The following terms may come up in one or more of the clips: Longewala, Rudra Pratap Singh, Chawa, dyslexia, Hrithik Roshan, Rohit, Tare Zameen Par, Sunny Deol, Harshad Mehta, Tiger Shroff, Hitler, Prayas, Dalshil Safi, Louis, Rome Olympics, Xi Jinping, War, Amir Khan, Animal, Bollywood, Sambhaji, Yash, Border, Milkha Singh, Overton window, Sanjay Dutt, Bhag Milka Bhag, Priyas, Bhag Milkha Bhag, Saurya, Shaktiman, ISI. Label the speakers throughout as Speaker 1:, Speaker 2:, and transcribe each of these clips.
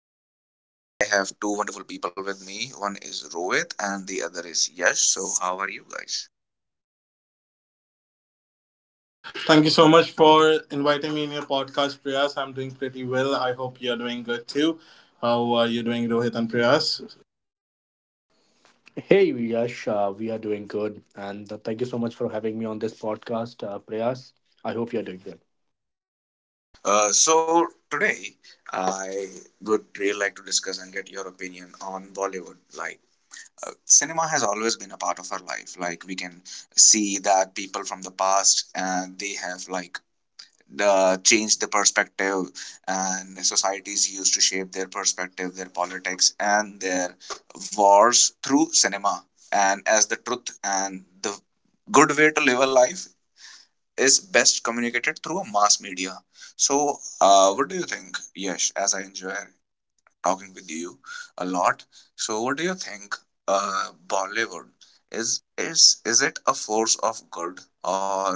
Speaker 1: And today I have two wonderful people with me. One is Rohit and the other is Yash. So, how are you guys?
Speaker 2: Thank you so much for inviting me in your podcast, Priyas. I'm doing pretty well. I hope you're doing good too. How are you doing, Rohit and Priyas?
Speaker 3: Hey, Yash, we are doing good. And thank you so much for having me on this podcast, Prayas. I hope you're doing good.
Speaker 1: So today I would really like to discuss and get your opinion on Bollywood. Like, cinema has always been a part of our life. Like, we can see that people from the past and they have like change the perspective, and societies used to shape their perspective, their politics and their wars through cinema, and as the truth and the good way to live a life is best communicated through a mass media. So what do you think, yes as I enjoy talking with you a lot. So what do you think? Uh, Bollywood is is it a force of good, or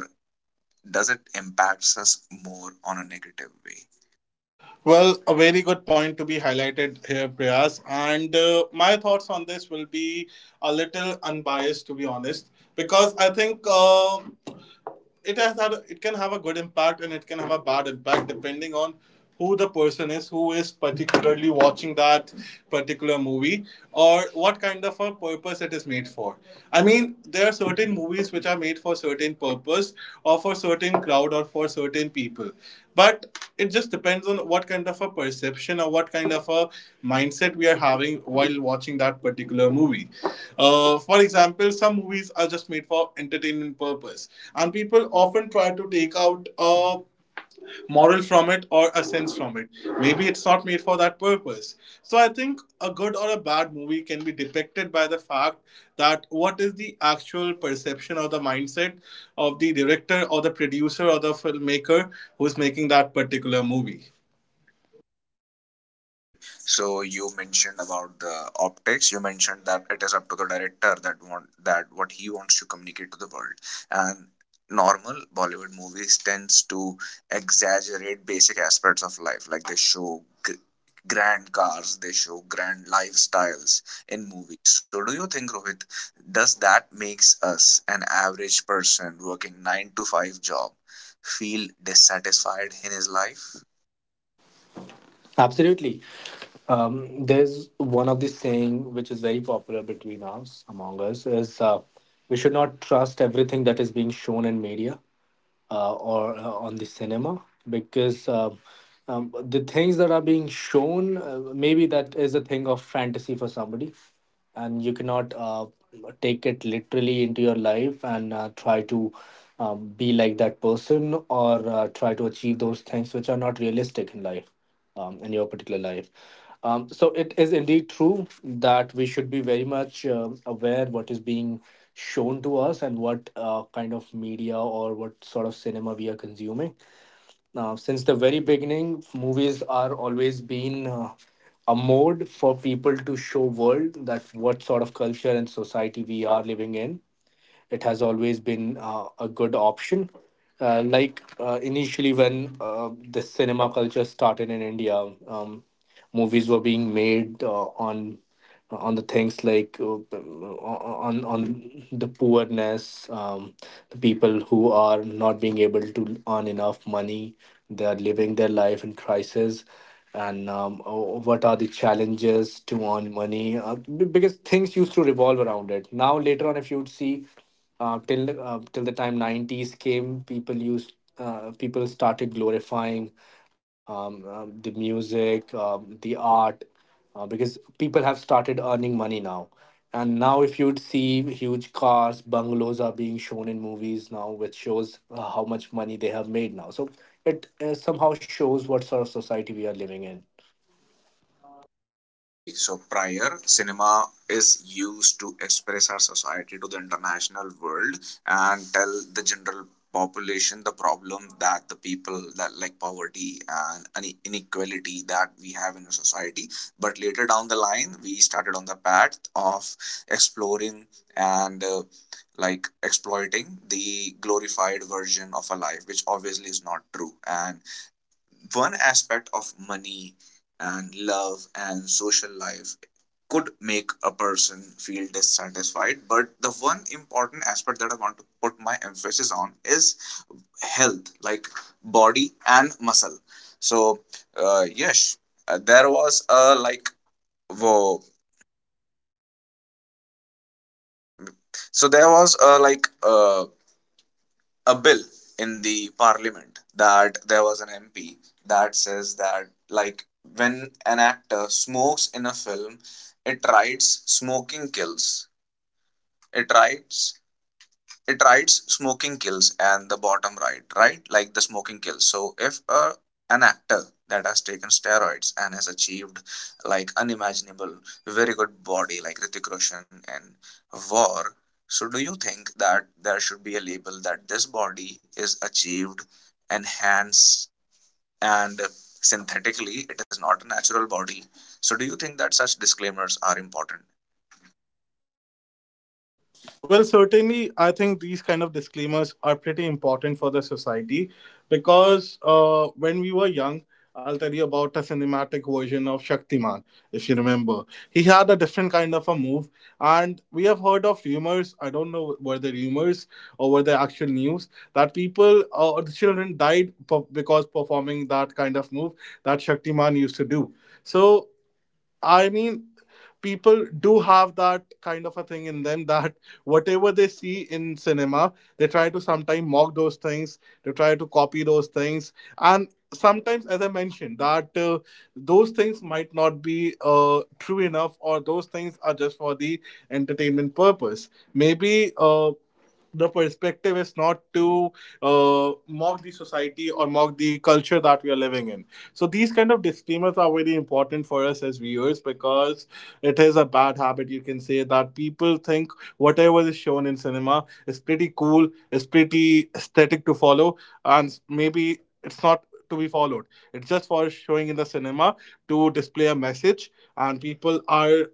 Speaker 1: does it impacts us more on a negative way?
Speaker 2: Well, a very good point to be highlighted here, Priyas. And my thoughts on this will be a little unbiased, to be honest, because I think it has had it can have a good impact and it can have a bad impact depending on who the person is who is particularly watching that particular movie or what kind of a purpose it is made for. I mean, there are certain movies which are made for certain purpose or for certain crowd or for certain people, but it just depends on what kind of a perception or what kind of a mindset we are having while watching that particular movie. For example, some movies are just made for entertainment purpose, and people often try to take out a moral from it or a sense from it. Maybe it's not made for that purpose. So I think a good or a bad movie can be depicted by the fact that what is the actual perception or the mindset of the director or the producer or the filmmaker who's making that particular movie.
Speaker 1: Okay, so you mentioned about the optics. You mentioned that it is up to the director that want that what he wants to communicate to the world. And normal Bollywood movies tends to exaggerate basic aspects of life, like they show g- grand cars, they show grand lifestyles in movies. So, do you think, Rohit, does that makes us an average person working nine to five job feel dissatisfied in his life?
Speaker 3: Absolutely. There's one of the saying which is very popular between us, among us, is we should not trust everything that is being shown in media or on the cinema because the things that are being shown, maybe that is a thing of fantasy for somebody, and you cannot take it literally into your life and try to be like that person or try to achieve those things which are not realistic in life, in your particular life. So it is indeed true that we should be very much aware what is being shown to us and what kind of media or what sort of cinema we are consuming. Now, since the very beginning, movies are always been a mode for people to show world that what sort of culture and society we are living in. It has always been a good option. Initially, when the cinema culture started in India, movies were being made on the things like on the poorness, the people who are not being able to earn enough money. They are living their life in crisis, and oh, what are the challenges to earn money? Because things used to revolve around it. Now later on, if you would see till the time 90s came, people started glorifying the art because people have started earning money now. And now if you'd see huge cars, bungalows are being shown in movies now, which shows how much money they have made now. So it somehow shows what sort of society we are living in.
Speaker 1: Right. So prior cinema is used to express our society to the international world and tell the general population the problem that the people that like poverty and inequality that we have in our society. But later down the line we started on the path of exploring and like exploiting the glorified version of a life, which obviously is not true, and one aspect of money and love and social life could make a person feel dissatisfied. But the one important aspect that I want to put my emphasis on is health, like body and muscle. So yes there was a like whoa. So there was a like uh, a bill in the parliament. That there was an MP that says that, like, when an actor smokes in a film, it writes smoking kills. It writes it writes smoking kills and the bottom right. Like, the smoking kills. So if an actor that has taken steroids and has achieved like unimaginable very good body, like Hrithik Roshan, and War. So do you think that there should be a label that this body is achieved, enhanced, and synthetically it is not a natural body? So do you think that such disclaimers are important?
Speaker 2: Well, certainly, I think these kind of disclaimers are pretty important for the society, because when we were young, I'll tell you about a cinematic version of Shaktiman, if you remember. He had a different kind of a move, and we have heard of rumors. I don't know, were they rumors or were they actual news that people or the children died because performing that kind of move that Shaktiman used to do. So I mean, people do have that kind of a thing in them that whatever they see in cinema, they try to sometimes mock those things, they try to copy those things. And sometimes, as I mentioned, that those things might not be true enough, or those things are just for the entertainment purpose. Maybe. The perspective is not to mock the society or mock the culture that we are living in, so these kind of disclaimers are very important for us as viewers because it is a bad habit. You can say that people think whatever is shown in cinema is pretty cool, is pretty aesthetic to follow, and maybe it's not to be followed. It's just for showing in the cinema to display a message, and people are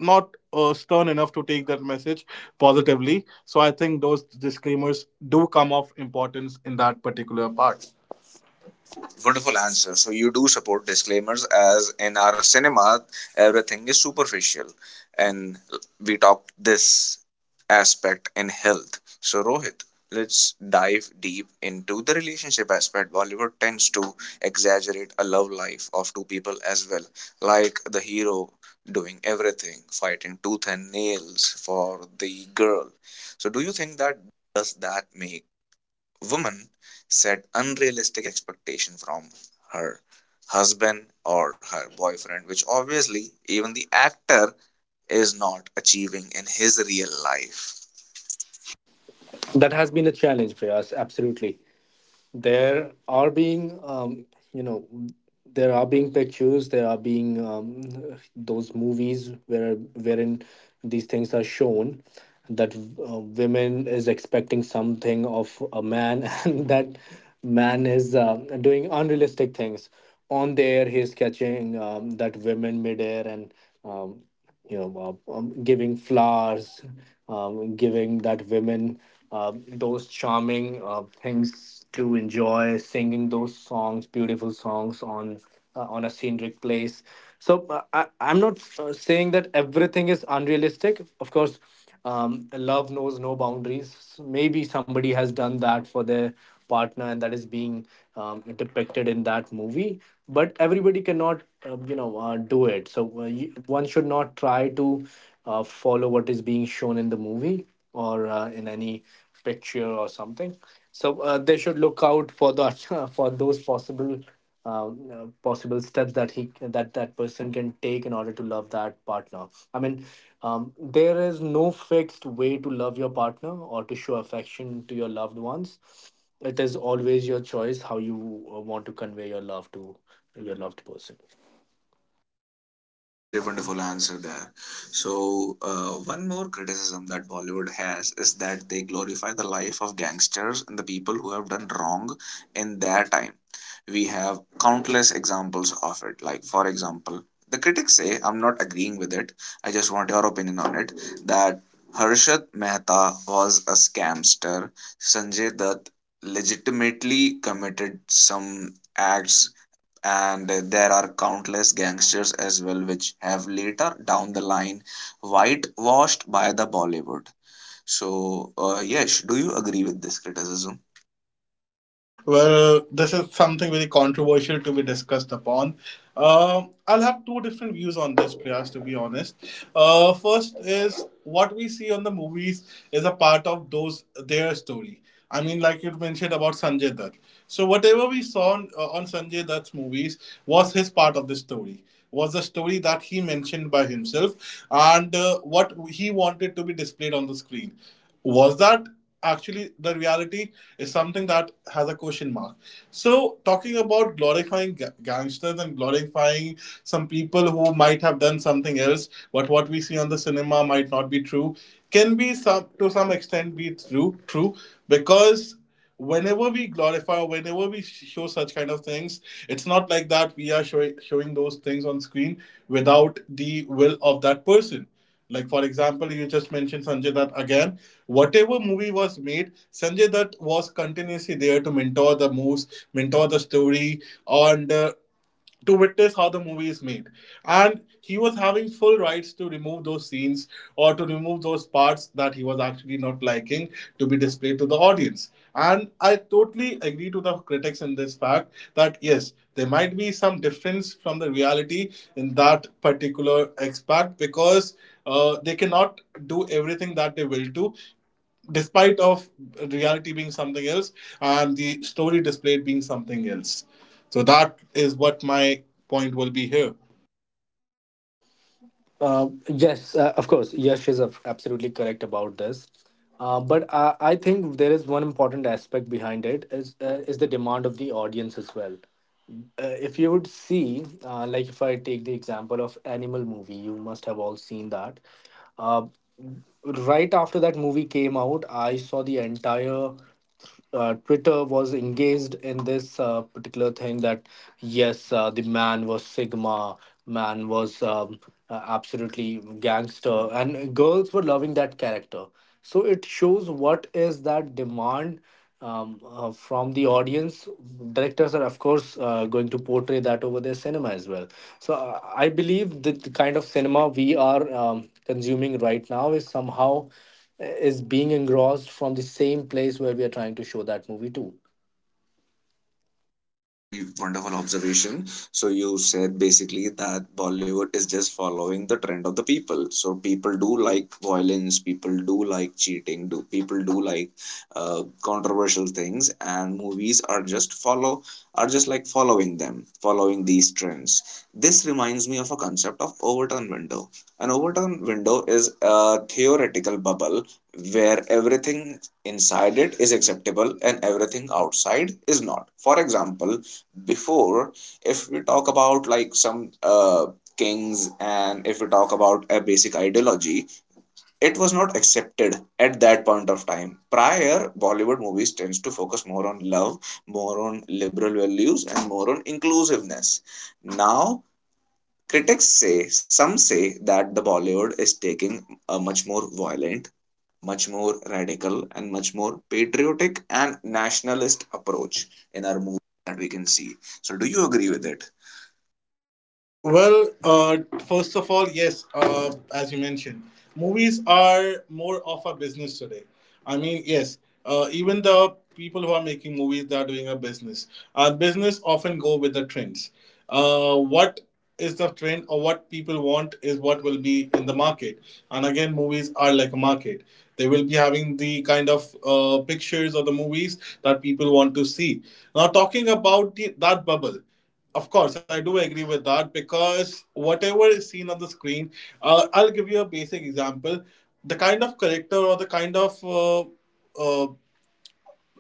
Speaker 2: not stern enough to take that message positively. So I think those disclaimers do come of importance in that particular part.
Speaker 1: Wonderful answer. So you do support disclaimers, as in our cinema, everything is superficial. And we talked this aspect in health. So Rohit, let's dive deep into the relationship aspect. Bollywood tends to exaggerate a love life of two people as well, like the hero doing everything, fighting tooth and nails for the girl. So do you think that does that make woman set unrealistic expectation from her husband or her boyfriend, which obviously even the actor is not achieving in his real life.
Speaker 3: That has been a challenge for us, absolutely. There are being You know, there are being pictures, there are being those movies where wherein these things are shown, that women is expecting something of a man and that man is doing unrealistic things. On the air, he's catching that women midair and um, giving flowers, giving that women those charming things to enjoy, singing those songs, beautiful songs on a scenic place. So I'm not saying that everything is unrealistic. Of course, love knows no boundaries. So maybe somebody has done that for their partner and that is being depicted in that movie, but everybody cannot, do it. So one should not try to follow what is being shown in the movie or in any picture or something. So they should look out for the for those possible possible steps that he that that person can take in order to love that partner. I mean, there is no fixed way to love your partner or to show affection to your loved ones. It is always your choice how you want to convey your love to your loved person.
Speaker 1: Okay, very wonderful answer there. So, one more criticism that Bollywood has is that they glorify the life of gangsters and the people who have done wrong in their time. We have countless examples of it. Like, for example, the critics say, I'm not agreeing with it, I just want your opinion on it, that Harshad Mehta was a scamster, Sanjay Dutt legitimately committed some acts, and there are countless gangsters as well which have later down the line whitewashed by the Bollywood. So yes do you agree with this criticism?
Speaker 2: Well, this is something very controversial to be discussed upon. I'll have two different views on this, Priyas, to be honest. First is what we see on the movies is a part of those their story. I mean, like you mentioned about Sanjay Dutt. So whatever we saw on Sanjay Dutt's movies was his part of the story. Was the story that he mentioned by himself, and what he wanted to be displayed on the screen. Was that actually the reality is something that has a question mark. So talking about glorifying gangsters and glorifying some people who might have done something else, but what we see on the cinema might not be true, can be some to some extent be true, because whenever we glorify, whenever we show such kind of things, it's not like that we are showing those things on screen without the will of that person. Like for example, you just mentioned Sanjay Dutt again. Whatever movie was made, Sanjay Dutt was continuously there to mentor the moves, mentor the story, and to witness how the movie is made. And he was having full rights to remove those scenes or to remove those parts that he was actually not liking to be displayed to the audience. And I totally agree to the critics in this fact that yes, there might be some difference from the reality in that particular aspect because they cannot do everything that they will do despite of reality being something else and the story displayed being something else. So that is what my point will be here.
Speaker 3: Yes, of course. Yash is absolutely correct about this. But I think there is one important aspect behind it, is the demand of the audience as well. If you would see, like if I take the example of Animal movie, you must have all seen that. Uh, right after that movie came out, I saw the entire Twitter was engaged in this particular thing that yes, the man was Sigma, man was absolutely gangster, and girls were loving that character. So it shows what is that demand from the audience. Directors are, of course, going to portray that over their cinema as well. So I believe that the kind of cinema we are consuming right now is somehow is being engrossed from the same place where we are trying to show that movie to.
Speaker 1: Very wonderful observation. So you said basically that Bollywood is just following the trend of the people. So people do like violence, people do like cheating, do people do like controversial things, and movies are just like following them, following these trends. This reminds me of a concept of Overton window. An Overton window is a theoretical bubble where everything inside it is acceptable and everything outside is not. For example, before, if we talk about like some kings, and if we talk about a basic ideology, it was not accepted at that point of time. Prior Bollywood movies tends to focus more on love, more on liberal values and more on inclusiveness. Now critics say, some say that the Bollywood is taking a much more violent, much more radical and much more patriotic and nationalist approach in our movie, that we can see. So do you agree with it?
Speaker 2: Well, first of all, yes, as you mentioned, movies are more of a business today. I mean, yes, even the people who are making movies, they are doing a business. Business often go with the trends. What is the trend or what people want is what will be in the market. And again, movies are like a market. They will be having the kind of pictures of the movies that people want to see. Now, talking about that bubble. Of course, I do agree with that, because whatever is seen on the screen, I'll give you a basic example. The kind of character or the kind of uh,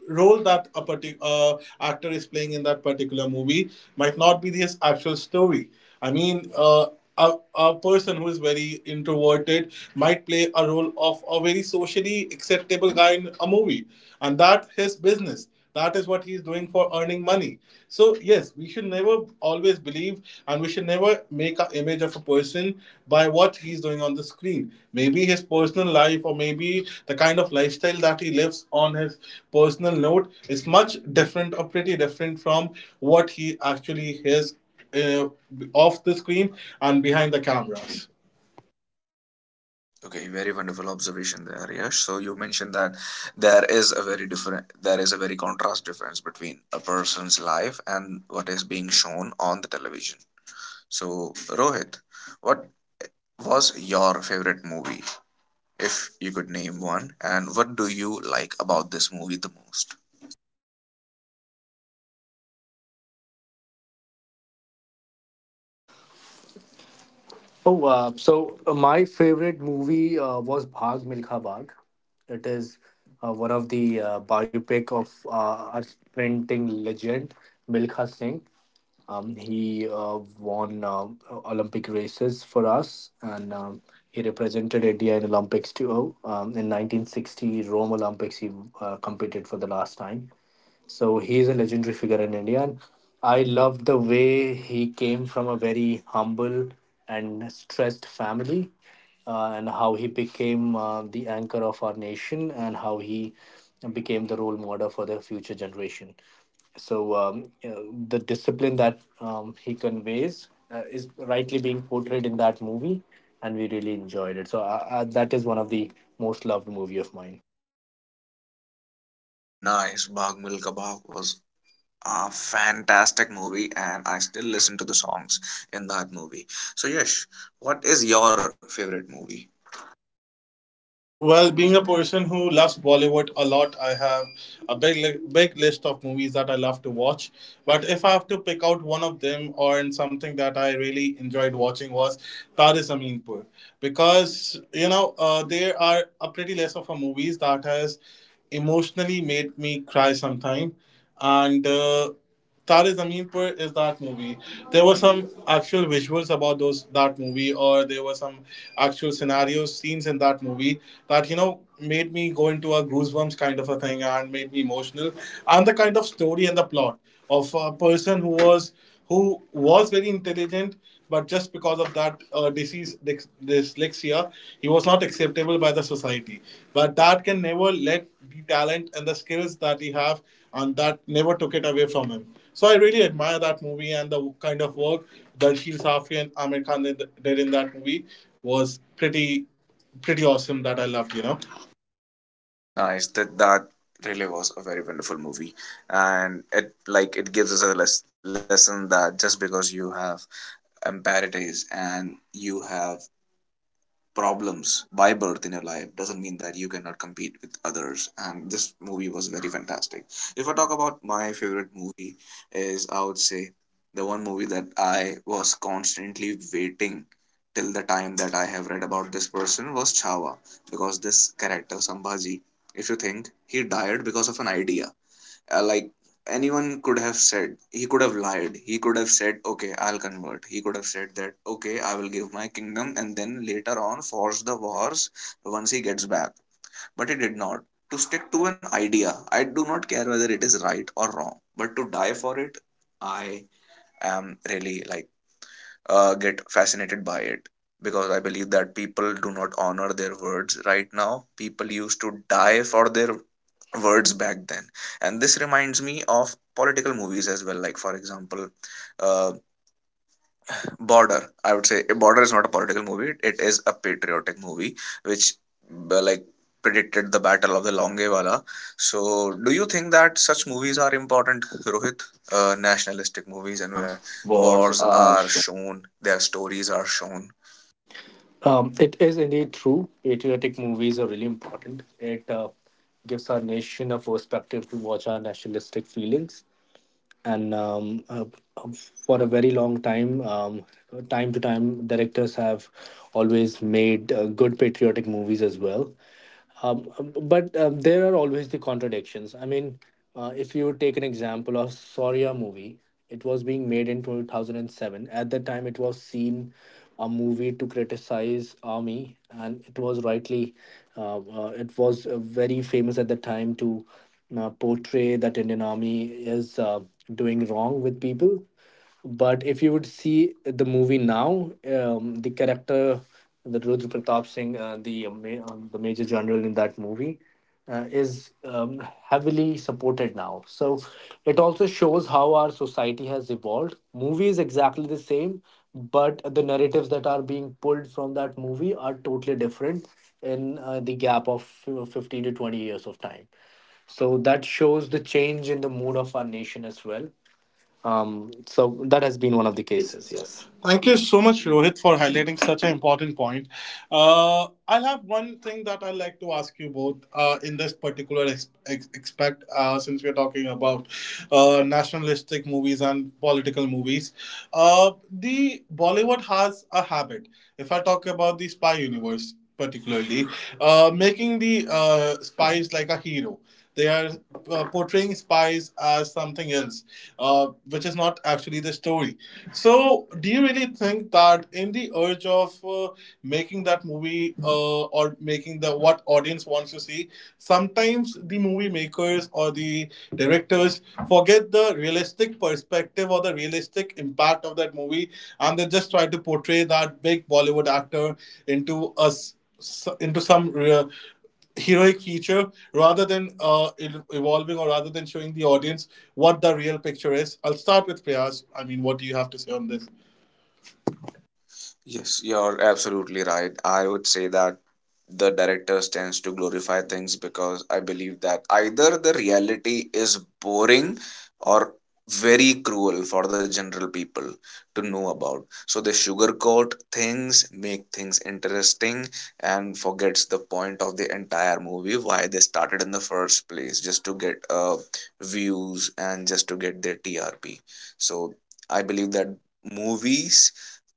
Speaker 2: role that a particular actor is playing in that particular movie might not be his actual story. I mean, a person who is very introverted might play a role of a very socially acceptable guy in a movie, and that his business. That is what he is doing for earning money. So, yes, we should never always believe, and we should never make an image of a person by what he's doing on the screen. Maybe his personal life or maybe the kind of lifestyle that he lives on his personal note is much different or pretty different from what he actually is uh, off the screen and behind the cameras.
Speaker 1: Okay, very wonderful observation there, Yash. So you mentioned that there is a very contrast difference between a person's life and what is being shown on the television. So Rohit, what was your favorite movie, if you could name one, and what do you like about this movie the most?
Speaker 3: Oh, my favorite movie was Bhag Milkha Bhag. It is one of the biopic of our sprinting legend Milkha Singh. He won Olympic races for us, and he represented India in Olympics too. In 1960 Rome Olympics, he competed for the last time. So he's a legendary figure in India. And I love the way he came from a very humble and stressed family, and how he became the anchor of our nation and how he became the role model for the future generation. So you know, the discipline that he conveys is rightly being portrayed in that movie, and we really enjoyed it. So that is one of the most loved movie of mine.
Speaker 1: Oh, nice! Bhag Milka Bhag was a fantastic movie, and I still listen to the songs in that movie. So Yash, what is your favorite movie?
Speaker 2: Well, being a person who loves Bollywood a lot, I have a big list of movies that I love to watch. But if I have to pick out one of them, or in something that I really enjoyed watching was Tare Aminpur, because you know there are a pretty list of a movies that has emotionally made me cry sometime, and Tare Zameen Par is that movie. There were some actual visuals about those that movie, or there were some actual scenarios, scenes in that movie that you know made me go into a goosebumps kind of a thing and made me emotional. And the kind of story and the plot of a person who who was very intelligent, but just because of that dyslexia, he was not acceptable by the society. But that can never let the talent and the skills that he have, and that never took it away from him. So I really admire that movie, and the kind of work Dalshil Safi and Amir Khan did in that movie was pretty awesome that I loved.
Speaker 1: Nice. That really was a very wonderful movie, and it like it gives us a lesson that just because you have emparities and you have problems by birth in your life doesn't mean that you cannot compete with others. And this movie was very fantastic. If I talk about my favorite movie, is, I would say, the one movie that I was constantly waiting till the time that I have read about this person was chawa because this character Sambhaji, if you think, he died because of an idea. Like, anyone could have said, he could have lied, he could have said, okay, I'll convert, he could have said that okay, I will give my kingdom and then later on force the wars once he gets back. But he did not. To stick to an idea, I do not care whether it is right or wrong, but to die for it, I am really like get fascinated by it, because I believe that people do not honor their words right now. People used to die for their words back then. And this reminds me of political movies as well, like, for example, uh, Border. I would say Border is not a political movie, it is a patriotic movie, which like predicted the battle of the Longewala. So do you think that such movies are important, Rohit? Nationalistic movies, and where
Speaker 3: Wars
Speaker 1: wars
Speaker 3: are
Speaker 1: are
Speaker 3: shown.
Speaker 1: shown, their stories are shown.
Speaker 3: It is indeed true. Patriotic movies are really important. It gives our nation a perspective to watch our nationalistic feelings. And for a very long time, time to time, directors have always made good patriotic movies as well. But there are always the contradictions. I mean, if you take an example of Saurya movie, it was being made in 2007. At the time, it was seen a movie to criticize army, and it was rightly, it was very famous at the time to portray that Indian army is doing wrong with people. But if you would see the movie now, the character, the Rudra Pratap Singh, the major general in that movie, is heavily supported now. So it also shows how our society has evolved. Movie is exactly the same, but the narratives that are being pulled from that movie are totally different in the gap of 15 to 20 years of time. So that shows the change in the mood of our nation as well. So that has been one of the
Speaker 2: The
Speaker 3: cases.
Speaker 2: cases,
Speaker 3: Yes.
Speaker 2: yes. Thank you so much, Rohit, for highlighting such an important point. I'll have one thing that I'd like to ask you both in this particular aspect, since we're talking about nationalistic movies and political movies. The Bollywood has a habit. If I talk about the spy universe, particularly, making the spies like a hero. They are portraying spies as something else, which is not actually the story. So, do you really think that in the urge of making that movie or making the what audience wants to see, sometimes the movie makers or the directors forget the realistic perspective or the realistic impact of that movie, and they just try to portray that big Bollywood actor into us into some uh, heroic feature rather than it evolving, or rather than showing the audience what the real picture is. I'll start with Priyas. I mean, what do you have to say on this?
Speaker 1: Yes, you're absolutely right. I would say that the directors tends to glorify things, because I believe that either the reality is boring or very cruel for the general people to know about. So they sugarcoat things, make things interesting, and forgets the point of the entire movie, why they started in the first place, just to get views and just to get their TRP. So I believe that movies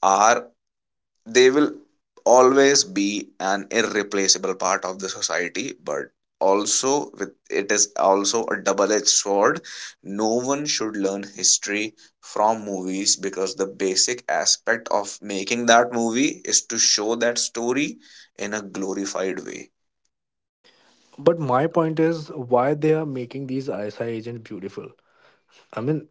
Speaker 1: are, they will always be an irreplaceable part of the society, but also with it is also a double-edged sword. No one should learn history from movies, because the basic aspect of making that movie is to show that story in a glorified way.
Speaker 3: But my point is why they are making these ISI agents beautiful. I mean,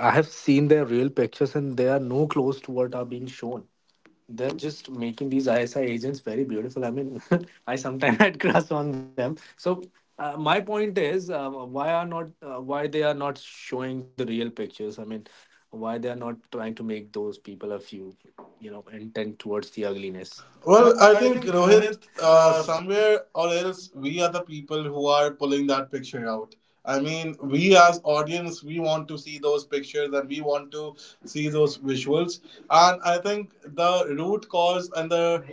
Speaker 3: I have seen their real pictures and they are no close to what are being shown. They're just making these ISI agents very beautiful. I mean, I sometimes had crush on them. So my point is, why they are not showing the real pictures? I mean, why they are not trying to make those people a few, you know, intent towards the ugliness?
Speaker 2: Well,
Speaker 3: Well,
Speaker 2: I
Speaker 3: I
Speaker 2: think
Speaker 3: think
Speaker 2: Rohit,
Speaker 3: Rohit, uh,
Speaker 2: somewhere or else, we are the people who are pulling that picture out. I mean, we as audience, we want to see those pictures and we want to see those visuals. And I think the root cause and the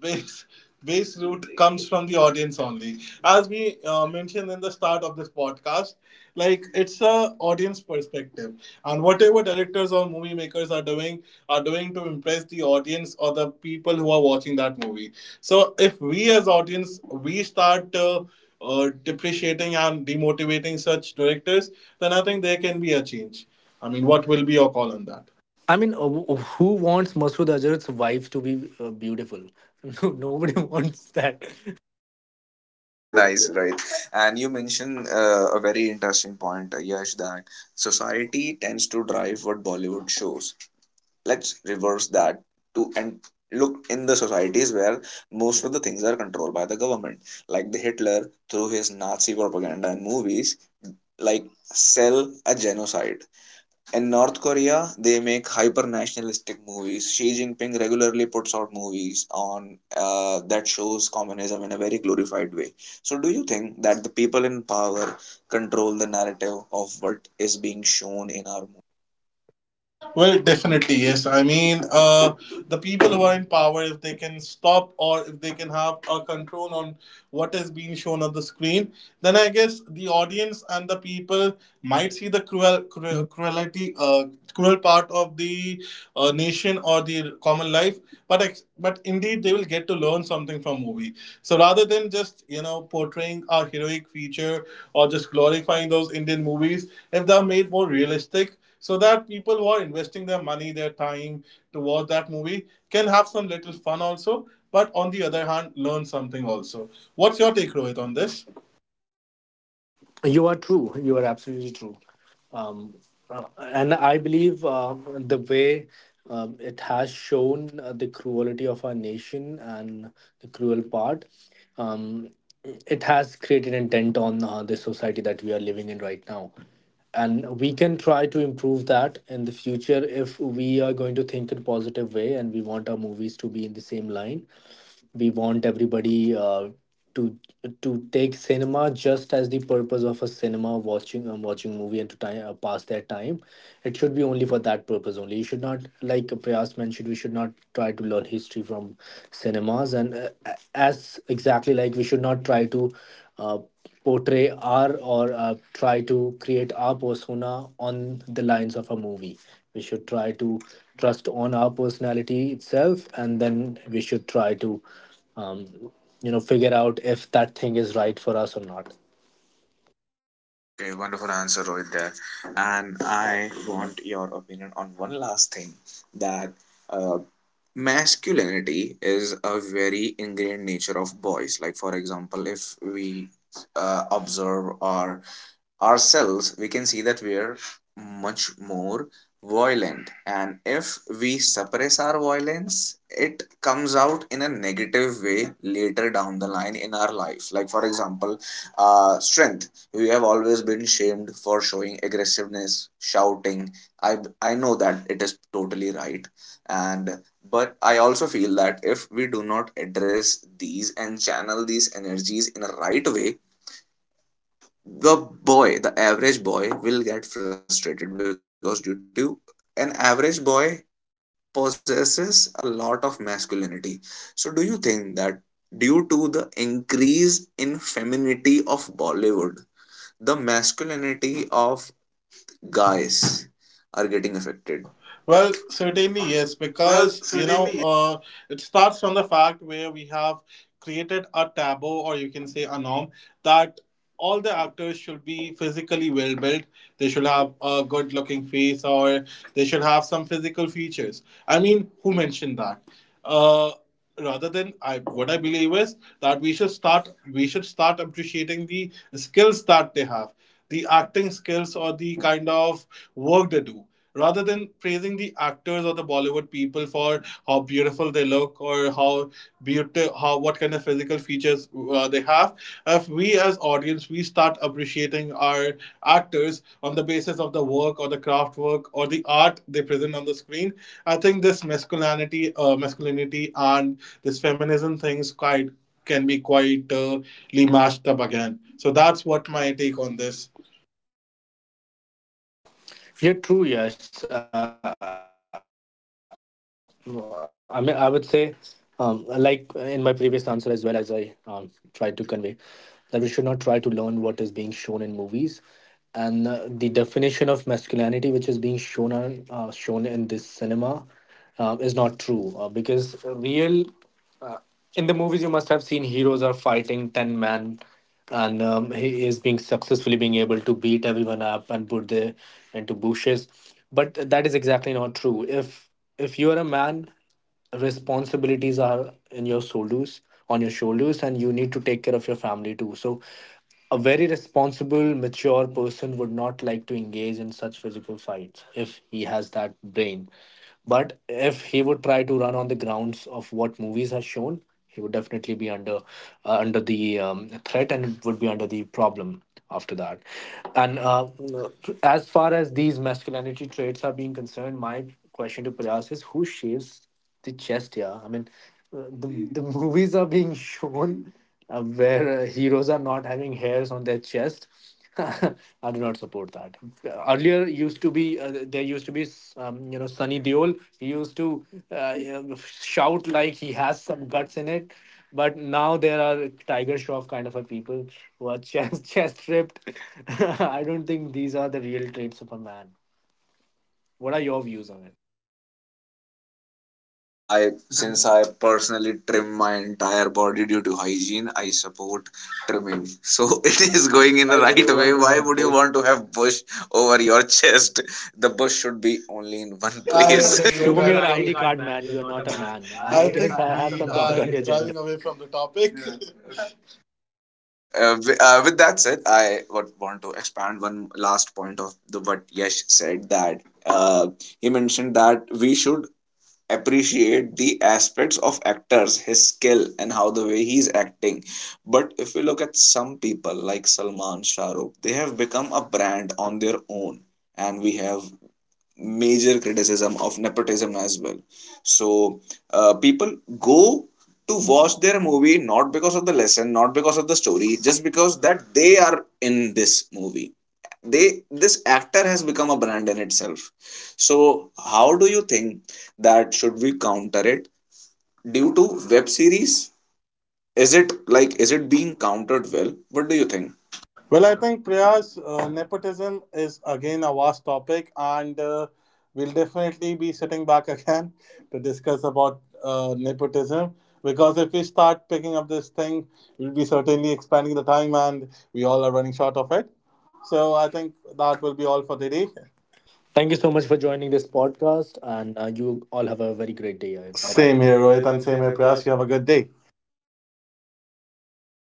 Speaker 2: base base root comes from the audience only, as we mentioned in the start of this podcast, like it's a audience perspective, and whatever directors or movie makers are doing to impress the audience or the people who are watching that movie. So if we as audience we start depreciating and demotivating such directors, then I think there can be a change. I mean, what will be your call on that?
Speaker 3: who wants Masood Azhar's wife to be beautiful? No, nobody wants that.
Speaker 1: Nice, right? And you mentioned a very interesting point, Yash, that society tends to drive what Bollywood shows. Let's reverse that to and look in the societies where most of the things are controlled by the government, like the Hitler, through his Nazi propaganda and movies, like sell a genocide. In North Korea they make hyper nationalistic movies. Xi Jinping regularly puts out movies on that shows communism in a very glorified way. So do you think that the people in power control the narrative of what is being shown in our movies?
Speaker 2: Well, definitely, yes. I mean, the people who are in power, if they can stop or if they can have a control on what is being shown on the screen, then I guess the audience and the people might see the cruelty, cruel part of the nation or the common life. But but indeed, they will get to learn something from movie. So rather than just portraying a heroic feature or just glorifying those Indian movies, if they are made more realistic so that people who are investing their money, their time towards that movie can have some little fun also, but on the other hand, learn something also. What's your take, Rohit, on this?
Speaker 3: You are true. You are absolutely true. Um, and I believe the way it has shown the cruelty of our nation and the cruel part, um, it has created a dent on the society that we are living in right now. And we can try to improve that in the future if we are going to think in positive way, and we want our movies to be in the same line. We want everybody to to take cinema just as the purpose of a cinema watching, watching movie, and to time, pass their time. It should be only for that purpose only. You should not, like Prayas mentioned, we should not try to learn history from cinemas. And as exactly, like we should not try to uh, portray our or try to create our persona on the lines of a movie. We should try to trust on our personality itself, and then we should try to um, you know, figure out if that thing is right for us or not.
Speaker 1: Okay, wonderful answer, Rohit. There, and I want your opinion on one last thing, that uh, masculinity is a very ingrained nature of boys. Like, for example, if we observe or ourselves, we can see that we are much more violent. And if we suppress our violence, it comes out in a negative way later down the line in our life. Like, for example, strength. We have always been shamed for showing aggressiveness, shouting. I know that it is totally right. And but I also feel that if we do not address these and channel these energies in a right way, the the average boy will get frustrated, because due to an average boy possesses a lot of masculinity. So do you think that due to the increase in femininity of Bollywood, the masculinity of guys are getting affected?
Speaker 2: Well, certainly yes, because it starts from the fact where we have created a taboo, or you can say a norm, that all the actors should be physically well built. They should have a good looking face, or they should have some physical features. I mean, who mentioned that? Uh, rather than I, what I believe is that we should start appreciating the skills that they have, the acting skills or the kind of work they do. Rather than praising the actors or the Bollywood people for how beautiful they look or how what kind of physical features they behalf, if we as audience we start appreciating our actors on the basis of the work or the craft work or the art they present on the screen, I think this masculinity and this feminism things quite can be quite mashed up again, so that's what my take on this.
Speaker 3: Yeah, true. Yes, I mean, I would say, like in my previous answer as well, as I tried to convey, that we should not try to learn what is being shown in movies. And the definition of masculinity which is being shown on, shown in this cinema is not true, because real in the movies you must have seen heroes are fighting 10 men and he is being successfully being able to beat everyone up and put them into bushes. But that is exactly not true. If you are a man, responsibilities are in your shoulders, on your shoulders, and you need to take care of your family too. So a very responsible, mature person would not like to engage in such physical fights if he has that brain. But if he would try to run on the grounds of what movies has shown, he would definitely be under the threat, and it would be under the problem after that. And as far as these masculinity traits are being concerned, my question to Prayas is who shapes the chest, yeah. I mean, the movies are being shown where heroes are not having hairs on their chest. I do not support that. Earlier used to be uh, there used to be you know, Sunny Deol. He used to you know, shout like he has some guts in it. But now there are Tiger Shroff kind of a people who are chest chest ripped. I don't think these are the real traits of a man. What are your views on it?
Speaker 1: I, since I personally trim my entire body due to hygiene, I support trimming. So it is going in the right way. Why would you want to have bush over your chest? The bush should be only in one
Speaker 2: I
Speaker 1: place.
Speaker 3: I
Speaker 2: think
Speaker 3: thank
Speaker 2: we
Speaker 3: you.
Speaker 2: You're
Speaker 3: Show
Speaker 2: are
Speaker 3: me
Speaker 2: an
Speaker 3: your
Speaker 2: ID
Speaker 3: ID
Speaker 2: card
Speaker 3: card,
Speaker 2: man.
Speaker 3: man.
Speaker 2: You're
Speaker 3: You are
Speaker 2: not a
Speaker 3: not a
Speaker 2: man.
Speaker 3: man.
Speaker 2: i
Speaker 3: I
Speaker 2: I guess think
Speaker 3: guess
Speaker 2: I
Speaker 3: I
Speaker 2: have
Speaker 3: have
Speaker 2: we
Speaker 3: some
Speaker 2: doubt
Speaker 3: doubt on
Speaker 2: are
Speaker 3: your gender.
Speaker 2: driving away from the topic. Yeah.
Speaker 1: With that said, I would want to expand one last point of the what Yash said, that uh, he mentioned that we should appreciate the aspects of actors, his skill and how the way he's acting. But if we look at some people like Salman, Shah Rukh, they have become a brand on their own, and we have major criticism of nepotism as well. So people go to watch their movie not because of the lesson, not because of the story, just because that they are in this movie. They, this actor has become a brand in itself. So how do you think that should we counter it? Due to web series, is it like, is it being countered? Well, what do you think?
Speaker 2: Well, I think Priyas, nepotism is again a vast topic, and we'll definitely be sitting back again to discuss about nepotism. Because if we start picking up this thing, we'll be certainly expanding the time, and we all are running short of it. So I think that will be all for the day.
Speaker 3: Thank you so much for joining this podcast, and you all have a very great day ahead. Bye bye.
Speaker 2: Same
Speaker 3: Same
Speaker 2: here,
Speaker 3: here,
Speaker 2: Rohit,
Speaker 3: Rohit,
Speaker 2: and
Speaker 3: and
Speaker 2: same
Speaker 3: same
Speaker 2: here,
Speaker 3: here,
Speaker 2: Priyas.
Speaker 3: Priyas.
Speaker 2: You have a good day.